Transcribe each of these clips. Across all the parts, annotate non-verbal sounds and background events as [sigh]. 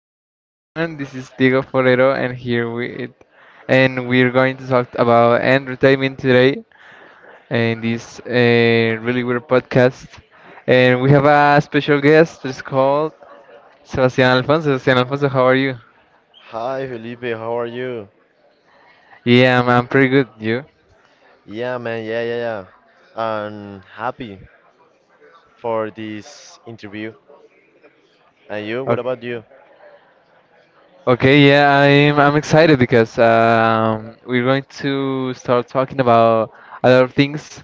Hi everyone, this is Diego Forero, and here we and we're going to talk about entertainment today in this really weird podcast. And we have a special guest that's called Sebastian Alfonso. Sebastian Alfonso, how are you? Hi Felipe, how are you? Yeah, I'm pretty good. You? Yeah, man, yeah, yeah, yeah. I'm happy for this interview. And you? What about Okay, you? okay, yeah, I'm excited because we're going to start talking about a lot of things.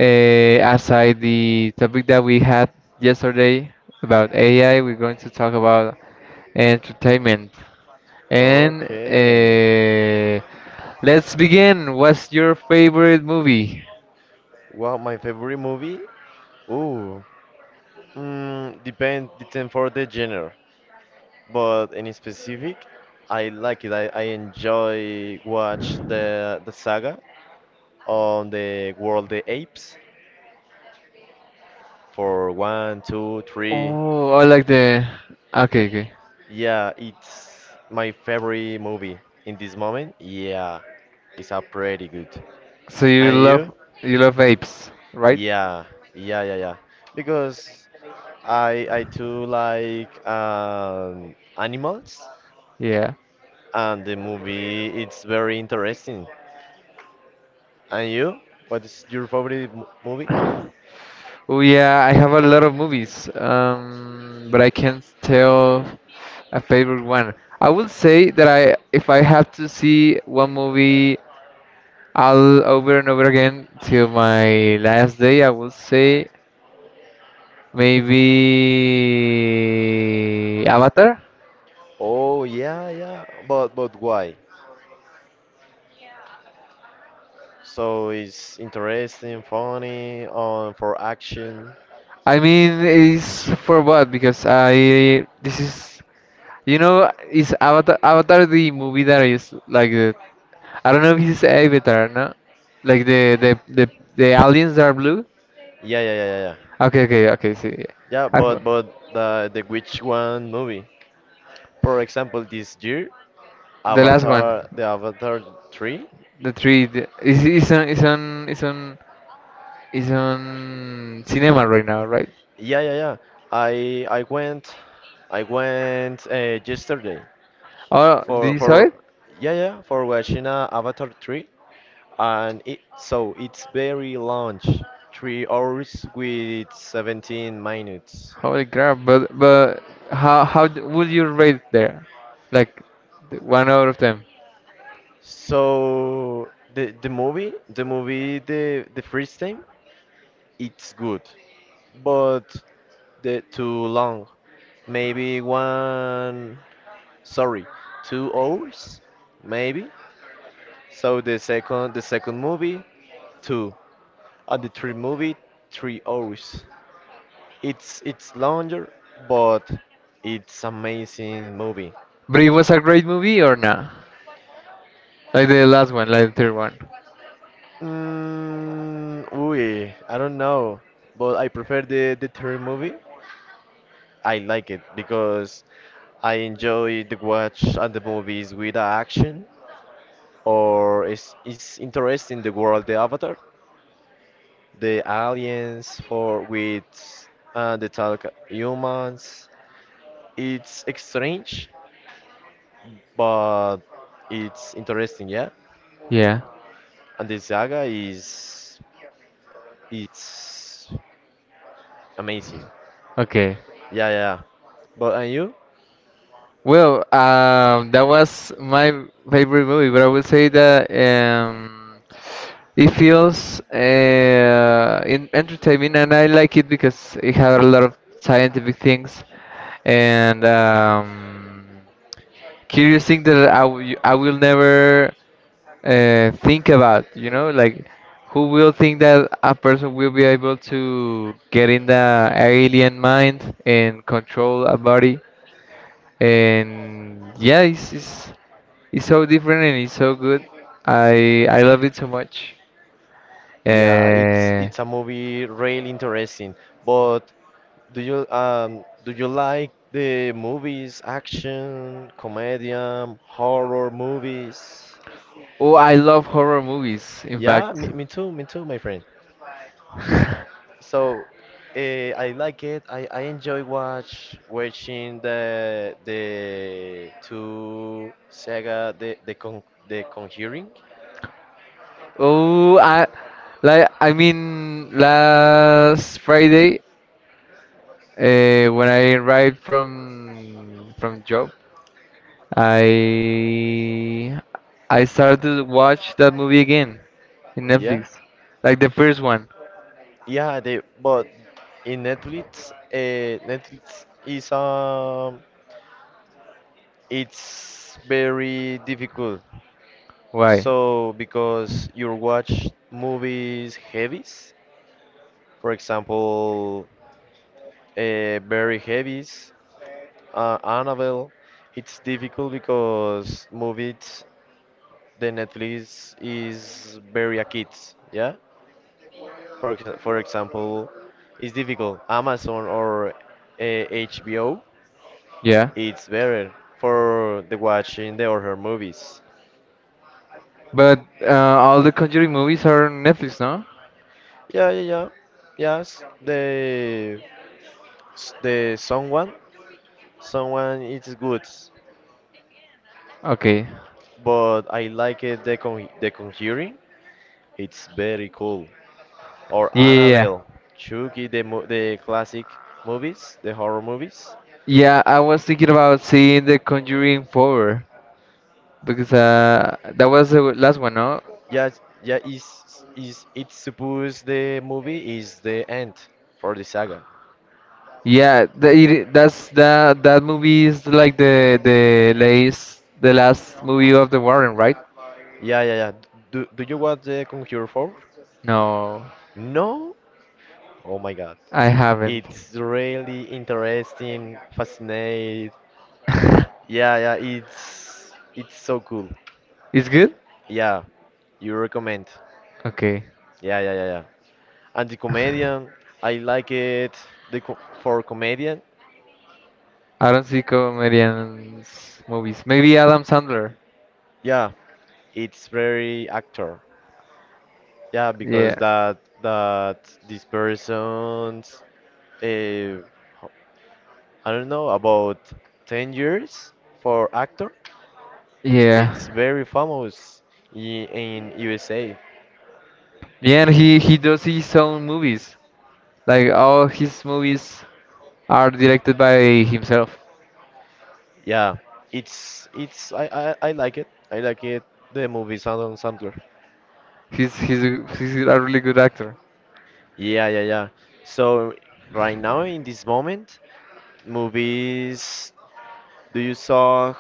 Aside the topic that we had yesterday about AI, we're going to talk about entertainment. And Okay. Let's begin. What's your favorite movie? Well, my favorite movie? Ooh, depend for the genre, but any specific? I like it. I enjoy watch the saga on the World of the Apes for one, two, three. Oh, I like the. Okay, okay. Yeah, it's my favorite movie in this moment. Yeah, it's a pretty good. So And you? You love apes, right? Yeah, yeah, yeah, yeah. Because I too like animals, Yeah. and the movie it's very interesting. And you? What is your favorite movie? Oh yeah, I have a lot of movies, but I can't tell a favorite one. I would say that I, if I have to see one movie all over and over again till my last day, I would say maybe Avatar. Oh yeah, yeah. But why? So it's interesting, funny, on for action. I mean, it's for what? Because I this is you know is Avatar the movie that is like the, I don't know if he's Avatar, no? Like the aliens that are blue. Yeah, yeah, yeah, yeah, yeah. Okay, okay, okay. See, yeah. Yeah, but the which one movie? For example, this year, The last one, Avatar, the Avatar 3. the three. The, is on is on is on is on cinema right now, right? Yeah, yeah, yeah. I I went I went yesterday Oh, did for you for saw it? yeah for watching Avatar 3, and it so it's very long, 3 hours with 17 minutes. Holy crap! But how would you rate there? Like the one out of ten. So the movie the first time it's good, but the too long. Maybe one, sorry, 2 hours, maybe. So the second movie, two, and the third movie, 3 hours. It's longer, but it's amazing movie. But it was a great movie or not? Like the last one, like the third one. Mm, ooh, I don't know, but I prefer the third movie. I like it because I enjoy the watch and the movies with the action or is interesting the world the Avatar, the aliens for with the talk humans. It's strange, but it's interesting, yeah. Yeah. And the saga is it's amazing. Okay. Yeah, yeah. But and you? Well, that was my favorite movie, but I would say that it feels in entertaining, and I like it because it had a lot of scientific things and curious things that I will never think about. You know, like who will think that a person will be able to get in the alien mind and control a body? And yeah, it's it's so different and it's so good. I love it so much. Yeah, Uh, it's a movie really interesting. But do you like the movies, action, comedian, horror movies? oh, I love horror movies. In Yeah, fact, me, me too, my friend. [laughs] So, uh, I like it. I enjoy watching the two Sega the con the Conjuring. oh, I mean last Friday, when I arrived from job, I I started to watch that movie again in Yeah, Netflix, like the first one. yeah. The but in Netflix, Netflix is it's very difficult. Why? So because you watch movies heavies, for example, very heavies. Annabelle, it's difficult because movies, the Netflix is very a kids, yeah? For, for example, it's difficult. Amazon or HBO, Yeah. it's better for the watching the horror movies. But all the Conjuring movies are on Netflix, no? Yeah, yeah, yeah. Yes, the the someone, someone it's good, Okay. but I like it the con the Conjuring. It's very cool. Or Yeah. Yeah. Annabelle, Chucky, the the classic movies, the horror movies. Yeah, I was thinking about seeing the Conjuring 4 because that was the last one, no? Yeah, yeah, is it supposed the movie is the end for the saga. Yeah, the, it, that's that that movie is like the last movie of the Warren, right? Yeah, yeah, yeah. Do you watch the Conjure 4? No, No? Oh my God. I haven't. It's really interesting, fascinating. [laughs] Yeah, yeah, it's so cool. It's good? Yeah, you recommend. Okay. Yeah, yeah, yeah, yeah. And the comedian, I like it. The co for comedian, I don't see comedians movies. Maybe Adam Sandler. yeah, it's very actor. Yeah, because Yeah. that this person's uh, I don't know about 10 years for actor. It's Yeah. very famous in USA. Yeah, and he does his own movies. Like all his movies are directed by himself. Yeah, it's I I like it. I like it. The movie Sound Sampler. He's a really good actor. Yeah, yeah, yeah. So right now in this moment, movies. Do you saw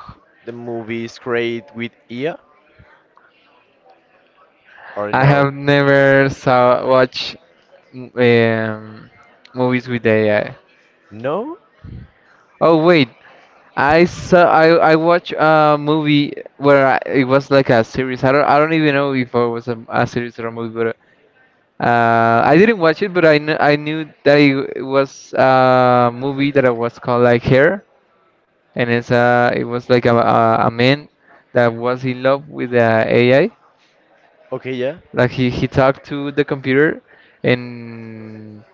the movies create with IA? Or I have no? never saw watch m- um, movies with AI. No? Oh wait, I saw I watched a movie where I, it was like a series. I don't even know if it was a series or a movie, but I didn't watch it. But I knew that it was a movie that I was called like Hair. And it's uh, it was like a man that was in love with the AI, Okay, yeah. like he talked to the computer and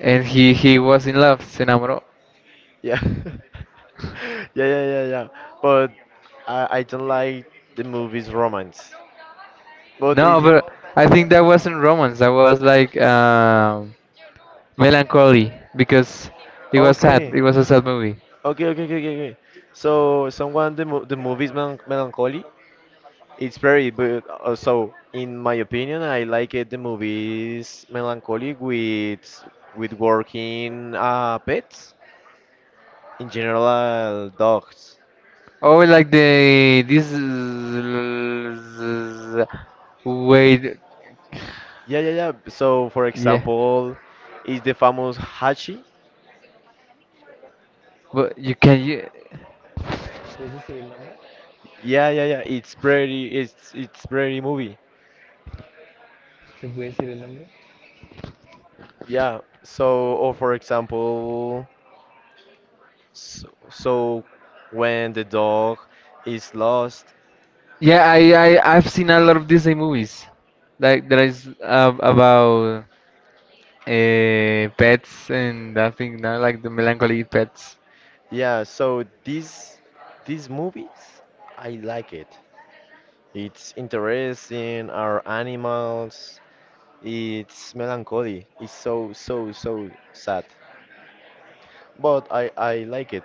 and he was in love, se enamoró. Yeah. [laughs] Yeah, yeah, yeah, yeah. But I don't like the movies romance. But No, it but I think that wasn't romance, that was like melancholy because it was sad, okay. it was a sad movie. Okay, okay, okay, okay. Okay. So someone the movie's melancholy. It's very but so in my opinion, I like it. The movie's melancholy with working pets. In general, dogs. Oh, like the wait. Yeah, yeah, yeah. So, for Yeah. example, is the famous Hachi? But you can you. There's a serial number. Yeah, yeah, yeah. It's pretty. It's pretty movie. ¿Se puede serial number? Yeah. So, or for example, so, so when the dog is lost. Yeah, I've seen a lot of Disney movies, like there is about pets and that thing now, like the melancholy pets. Yeah. So these movies, I like it. It's interesting. Our animals. It's melancholy. It's so so so sad. But I like it.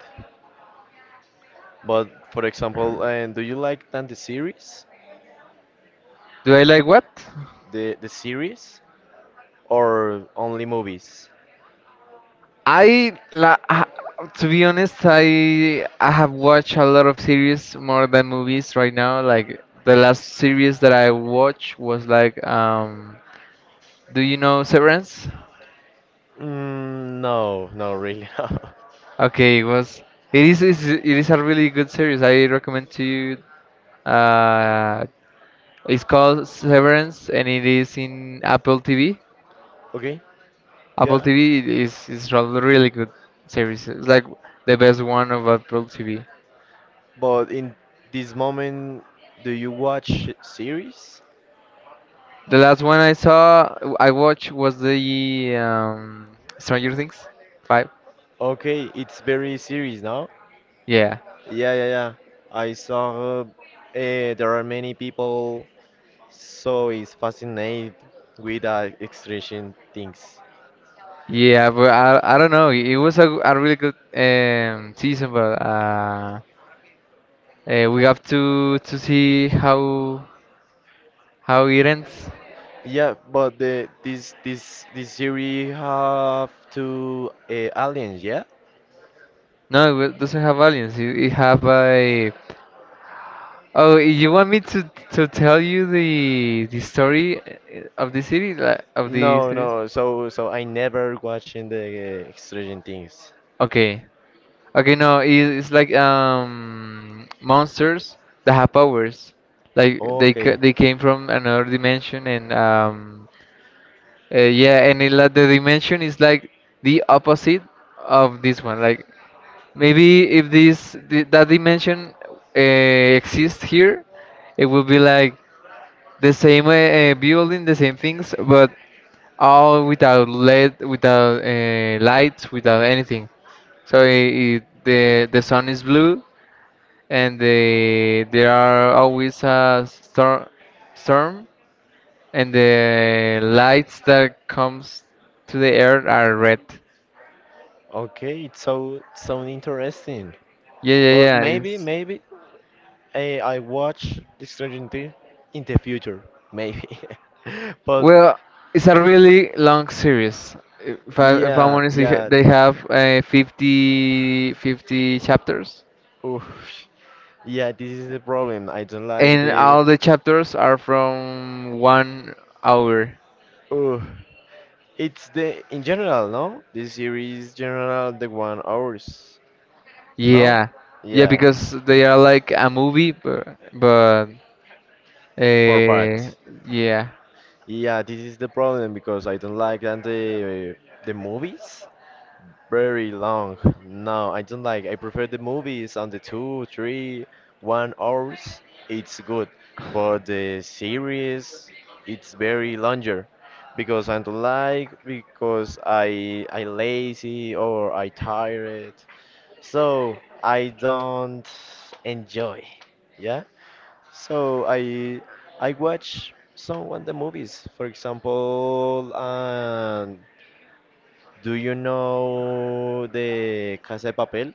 But for example, and do you like than the series, Do I like what? The series, or only movies? I la ha- to be honest, I have watched a lot of series more than movies right now. Like the last series that I watched was like, um, do you know Severance? Mm, no, no, really. [laughs] Okay, it was, it is a really good series. I recommend to you. Uh, it's called Severance, and it is in Apple TV. Okay, Apple yeah. TV is a really good series. It's like the best one of Apple TV. But in this moment, do you watch series? The last one I saw, I watched was the Stranger Things five. Okay, it's very serious now. Yeah, Yeah, yeah, yeah. I saw there are many people so is fascinated with extradition things. yeah, but I don't know. It was a really good season, but we have to see how. How it ends? Yeah, but the this this series have two aliens, yeah? No, it doesn't have aliens. It have a. Oh, you want me to tell you the story of the city, like of the No, series? no. So so I never watching the Stranger Things. Okay. Okay, no, it, it's like, um, monsters that have powers. Like Okay, they came from another dimension and um, yeah, and it, like, the dimension is like the opposite of this one. Like maybe if this the, that dimension exists here, it would be like the same building, the same things, but all without lead, without lights, without anything. So it, the sun is blue, and the there are always a storm, and the lights that comes to the earth are red. okay. It's so so interesting. Yeah, yeah, But yeah. maybe It's, maybe I watch the Stranger Things in the future, maybe. [laughs] But well, it's a really long series. If, I, if I'm yeah, honest, yeah. they have 50 50 chapters, Oof. Yeah, this is the problem. I don't like and all the. the chapters are from 1 hour. Ooh. It's the in general, no? The series general the 1 hours, no? Yeah, yeah, Yeah, because they are like a movie, but four uh, parts. yeah, Yeah, this is the problem because I don't like that the movies. Very long. No, I don't like. I prefer the movies on the two, three, 1 hours. It's good, but the series it's very longer because I don't like because I lazy or I tired. So I don't enjoy. Yeah. So I watch some of the movies. For example, do you know the Casa de Papel?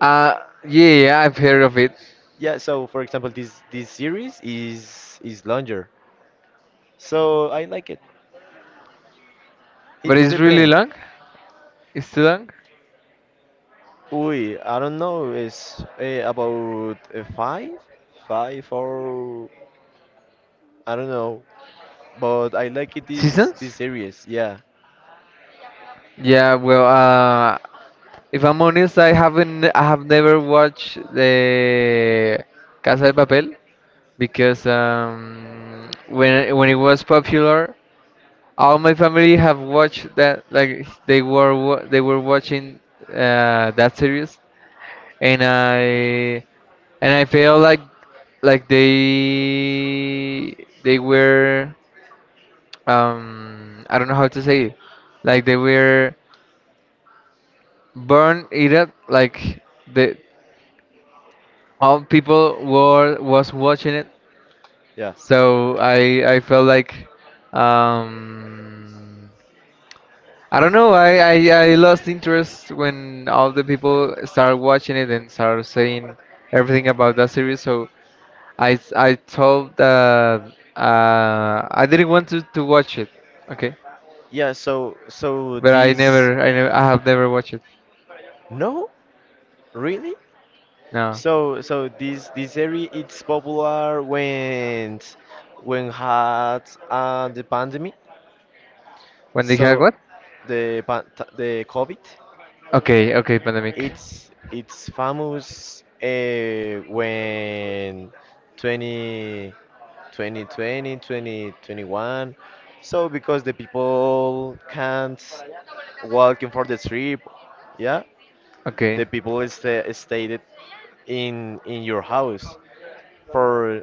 uh, yeah, yeah, I've heard of it, Yeah, so for example, this series is longer, so I like it. but It it's really depends. long. It's too long. Uy, I don't know. It's about five, five or I don't know, but I like it Seasons? this series. Yeah, Yeah, well, if I'm honest, I haven't, I have never watched the Casa de Papel because when it was popular, all my family have watched that. Like they were watching that series, and I, and I feel like they were, um, I don't know how to say it. Like they were burn it up like the all people were was watching it, yeah, so I felt like, um, I don't know, I lost interest when all the people started watching it and started saying everything about that series, so I told that uh, I didn't want to watch it. Okay. yeah. So so But i this never i never I have never watched it. no, really? No. So, so this area it's popular when had the pandemic. When they had So what? the the COVID, Okay, okay, pandemic. It's famous when 20, 2020, 2021. So because the people can't walking for the trip, yeah, Okay. the people stay, stayed in your house for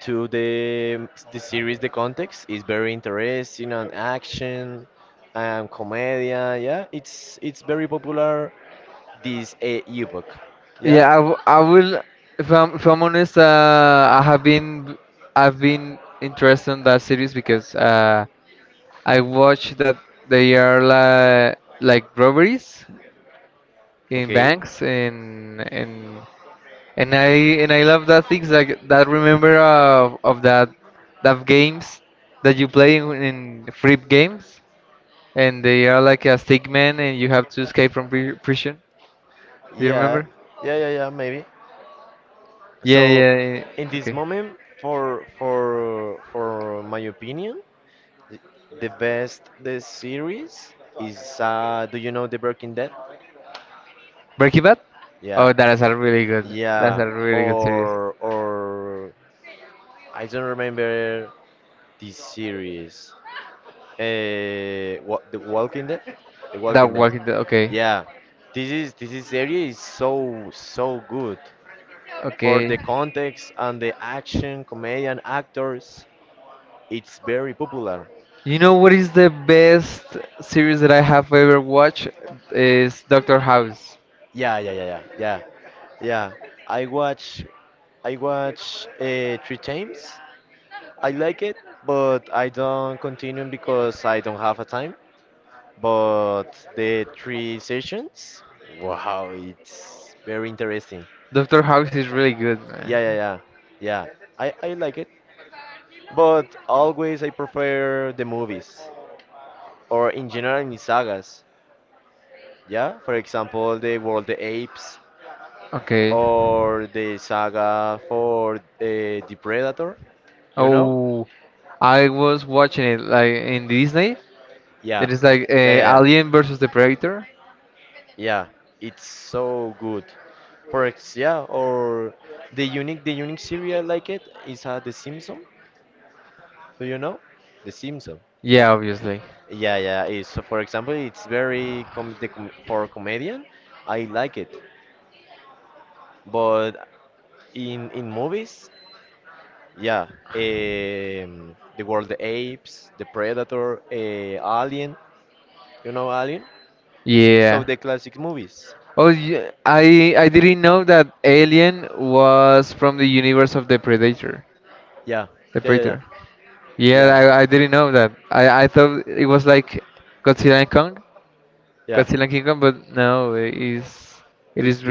to the series the context is very interesting and action and comedia. Yeah, it's very popular this epoch. Yeah. Yeah, I will. If I'm honest, I have been, I've been interested in that series because I watched that they are like robberies in Okay. banks and I, and I love that things like that. Remember of that that games that you play in free games, and they are like a stick man and you have to escape from prison. Do you Yeah, remember? yeah, yeah, yeah, maybe. Yeah, So yeah, yeah. in this Okay. moment for my opinion, the best the series is do you know The Breaking Dead? Breaking Bad? Yeah. Oh, that is a really good. That's Yeah. a really good series. Or I don't remember this series. Uh, what, The Walking Dead? The That Walking Dead. Walking Dead. Okay, Yeah. This is series is so so good. For okay. the context and the action, comedian actors, it's very popular. You know what is the best series that I have ever watched? Is Doctor House. Yeah, yeah, yeah, yeah, yeah. Yeah, I watch I watch three times. I like it, but I don't continue because I don't have a time. But the three sessions, wow, it's very interesting. Doctor House is really good, Yeah, yeah, man. yeah, yeah. I like it, but always I prefer the movies or in general in sagas. Yeah, for example, the World the Apes Okay. or the saga for the Predator. You know, Oh, I was watching it like in Disney. yeah, It is like yeah, yeah, yeah, Alien versus the Predator. yeah. It's so good. For ex, yeah, or the unique series I like it is The Simpsons. Do you know The Simpsons? Yeah, Yeah, obviously. yeah, yeah. It's, so for example, it's very com the com for comedian. I like it, but in movies, yeah, the World the Apes, the Predator, Alien. You know Alien? So Yeah. the classic movies. Oh, yeah, I didn't know that Alien was from the universe of the Predator. Yeah, The yeah, yeah, yeah, Predator. Yeah, yeah. I didn't know that. I thought it was like Godzilla and Kong, Yeah. Godzilla and King Kong, but no, it is, it Do, is do,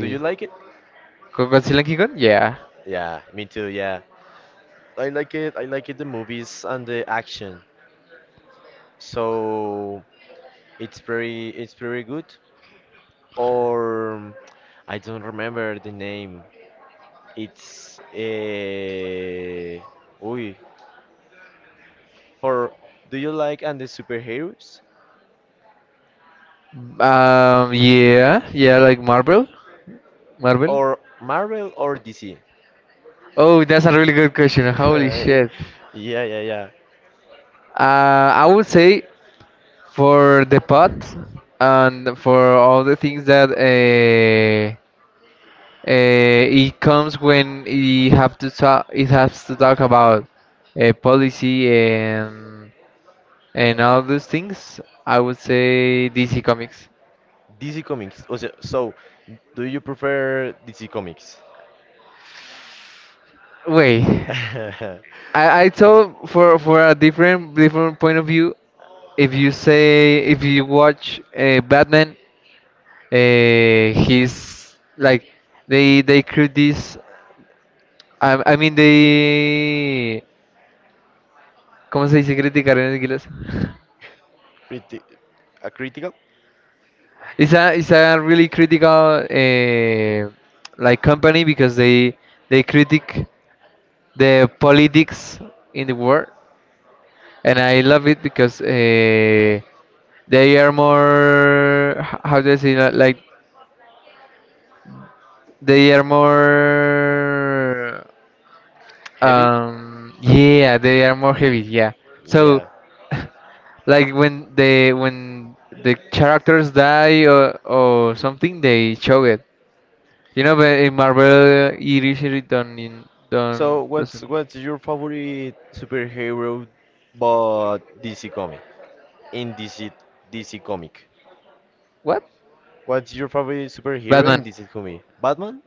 do you like it? Godzilla and King Kong? Yeah. Yeah, me too, yeah. I like it. I like it the movies and the action. So it's very good. Or I don't remember the name. It's a. Uy. For do you like and the superheroes? Yeah, yeah, like Marvel, Marvel. Or Marvel or DC? Oh, that's a really good question. [laughs] Holy Yeah, shit. yeah, yeah. I would say for the pot and for all the things that it comes when it have to talk, it has to talk about policy and all those things. I would say DC Comics. DC Comics. Oh, so, so, do you prefer DC Comics? [laughs] Wait, I I told for a different point of view. If you say if you watch Batman, he's like they create this. I mean they, ¿cómo se dice criticar en inglés? [laughs] Criti- a critical? It's a, it's a really critical like company because they critic the politics in the world, and I love it because they are more, how do I say that? Like they are more. Heavy? Yeah, they are more heavy. Yeah. So, Yeah. [laughs] like when the characters die or something, they show it. You know, but in Marvel, it usually don't in don't So doesn't. what's your favorite superhero but DC comic? In DC comic. What? What's your favorite superhero in Batman. DC comic? Batman?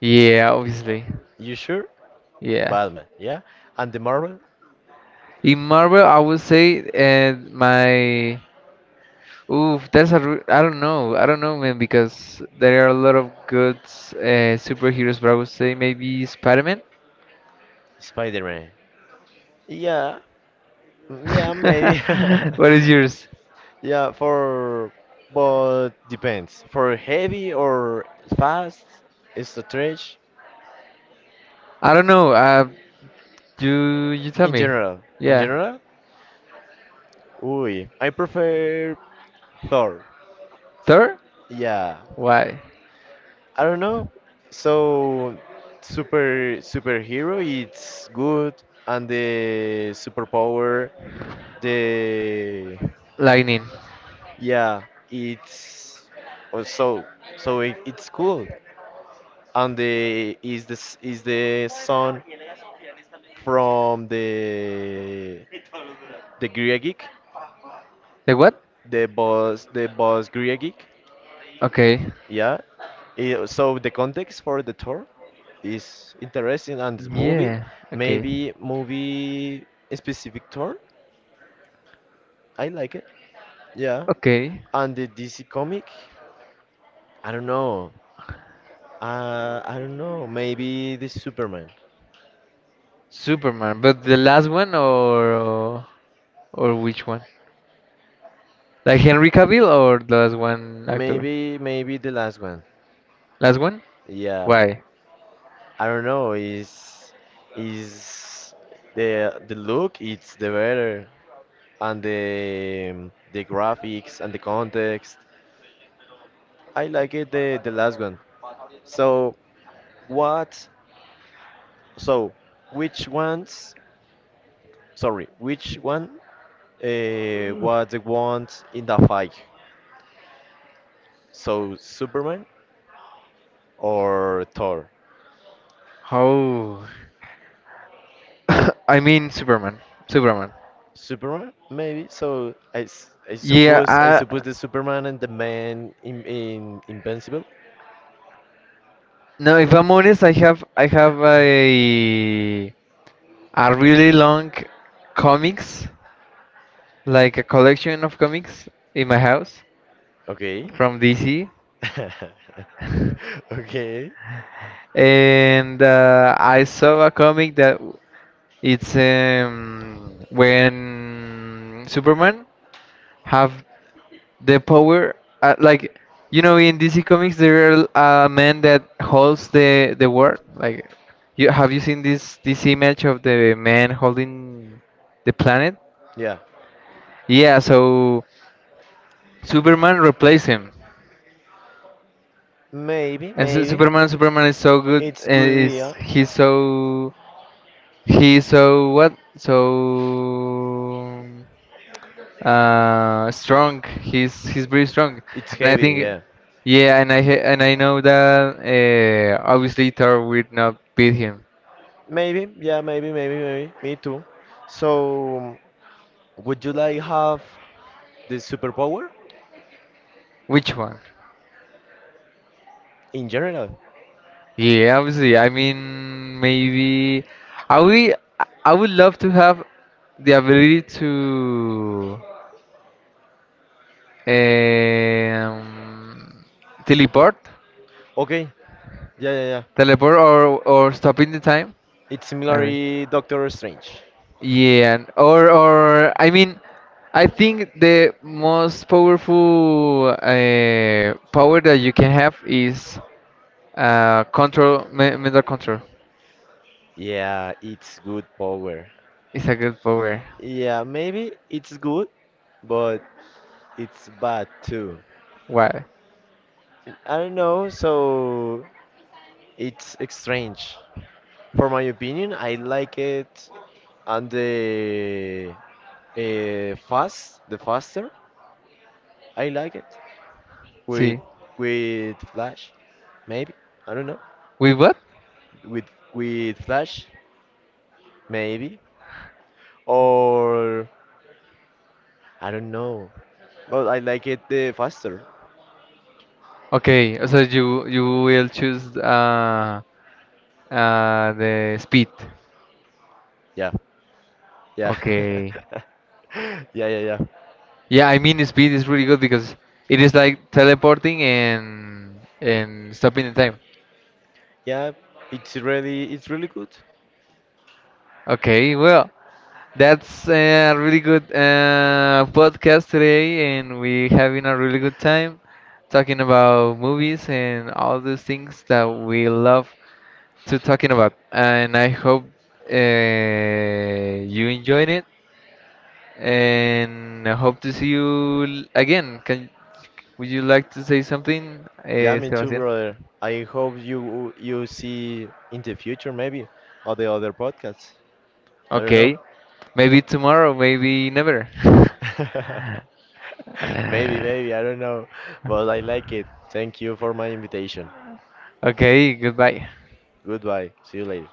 Yeah, obviously. You sure? Yeah. Batman, yeah. And the Marvel? In Marvel, I would say, and my, oof, I don't know, man, because there are a lot of good superheroes, but I would say maybe Spider-Man. Spider-Man. Yeah, mm, yeah, maybe. [laughs] What is yours? [laughs] Yeah, for but depends. For heavy or fast it's stretch I don't know. You you tell in me. general. In Yeah. general, ooh, I prefer Thor. Thor? Yeah, Why? I don't know. So, super superhero, it's good, and the superpower, the Lightning. yeah, it's also so so it, it's cool, and the is this is the son from the Grieg, The what? The boss Grieg, Okay. yeah. Eh, so the context for the tour is interesting and this movie Yeah. Okay. maybe movie specific tour. I like it, yeah. Okay. And the DC comic, I don't know, I don't know, maybe the Superman. Superman. But the last one or which one? Like Henry Cavill or the last one actor? Maybe maybe the last one. Last one? Yeah, Why? I don't know, is the look it's the better and the graphics and the context. I like it the last one. So what. So, which ones? Sorry, which one was the ones in the fight? So Superman or Thor? How? [coughs] I mean Superman. Superman. Superman, maybe. So I Yeah. suppose I. The Superman and the Man in Invincible. No, if I'm honest, I have [coughs] a really long comics, like a collection of comics in my house Okay. from DC. [laughs] [laughs] Okay. And I saw a comic that it's, when Superman have the power like, you know, in DC Comics there are a man that holds the world, like you have you seen this image of the man holding the planet, Yeah. yeah? So Superman replaced him, Maybe, and Su- maybe. Superman Superman is so good It's and good, is yeah. he's so, he's so what, so uh, strong, he's very strong, It's and I heavy, think, yeah. yeah, and and I know that uh, obviously Thor would not beat him. Maybe, yeah, maybe, maybe, maybe. Me too. So, would you like have the superpower Which one? in general? Yeah, obviously, I mean maybe I would, I would love to have the ability to, um, teleport. Okay. Yeah, yeah, yeah. Teleport or stop in the time. It's I mean, similarly Doctor Strange. yeah, and, or I mean, I think the most powerful power that you can have is control, mental control. Yeah, it's good power. It's a good power. Yeah, maybe it's good, but it's bad too. Why? I don't know, so it's strange. For my opinion, I like it and the fast, the faster. I like it. With See, Flash, maybe. I don't know. with what? With Flash, maybe. Or I don't know. But I like it the faster. Okay, so you will choose the speed. Yeah. Yeah. Okay. [laughs] Yeah, yeah, yeah. Yeah, I mean the speed is really good because it is like teleporting and stopping the time. Yeah, it's really good. Okay, well, that's a really good podcast today, and we having a really good time talking about movies and all those things that we love to talking about. And I hope you enjoyed it, and I hope to see you again. Can, would you like to say something, Yeah, me too, Sebastian? brother. I hope you see in the future maybe or the other podcasts. I don't know. Okay, maybe tomorrow, maybe never. [laughs] Maybe, maybe, I don't [laughs] know. But I like it. Thank you for my invitation. Okay, goodbye. Goodbye. See you later.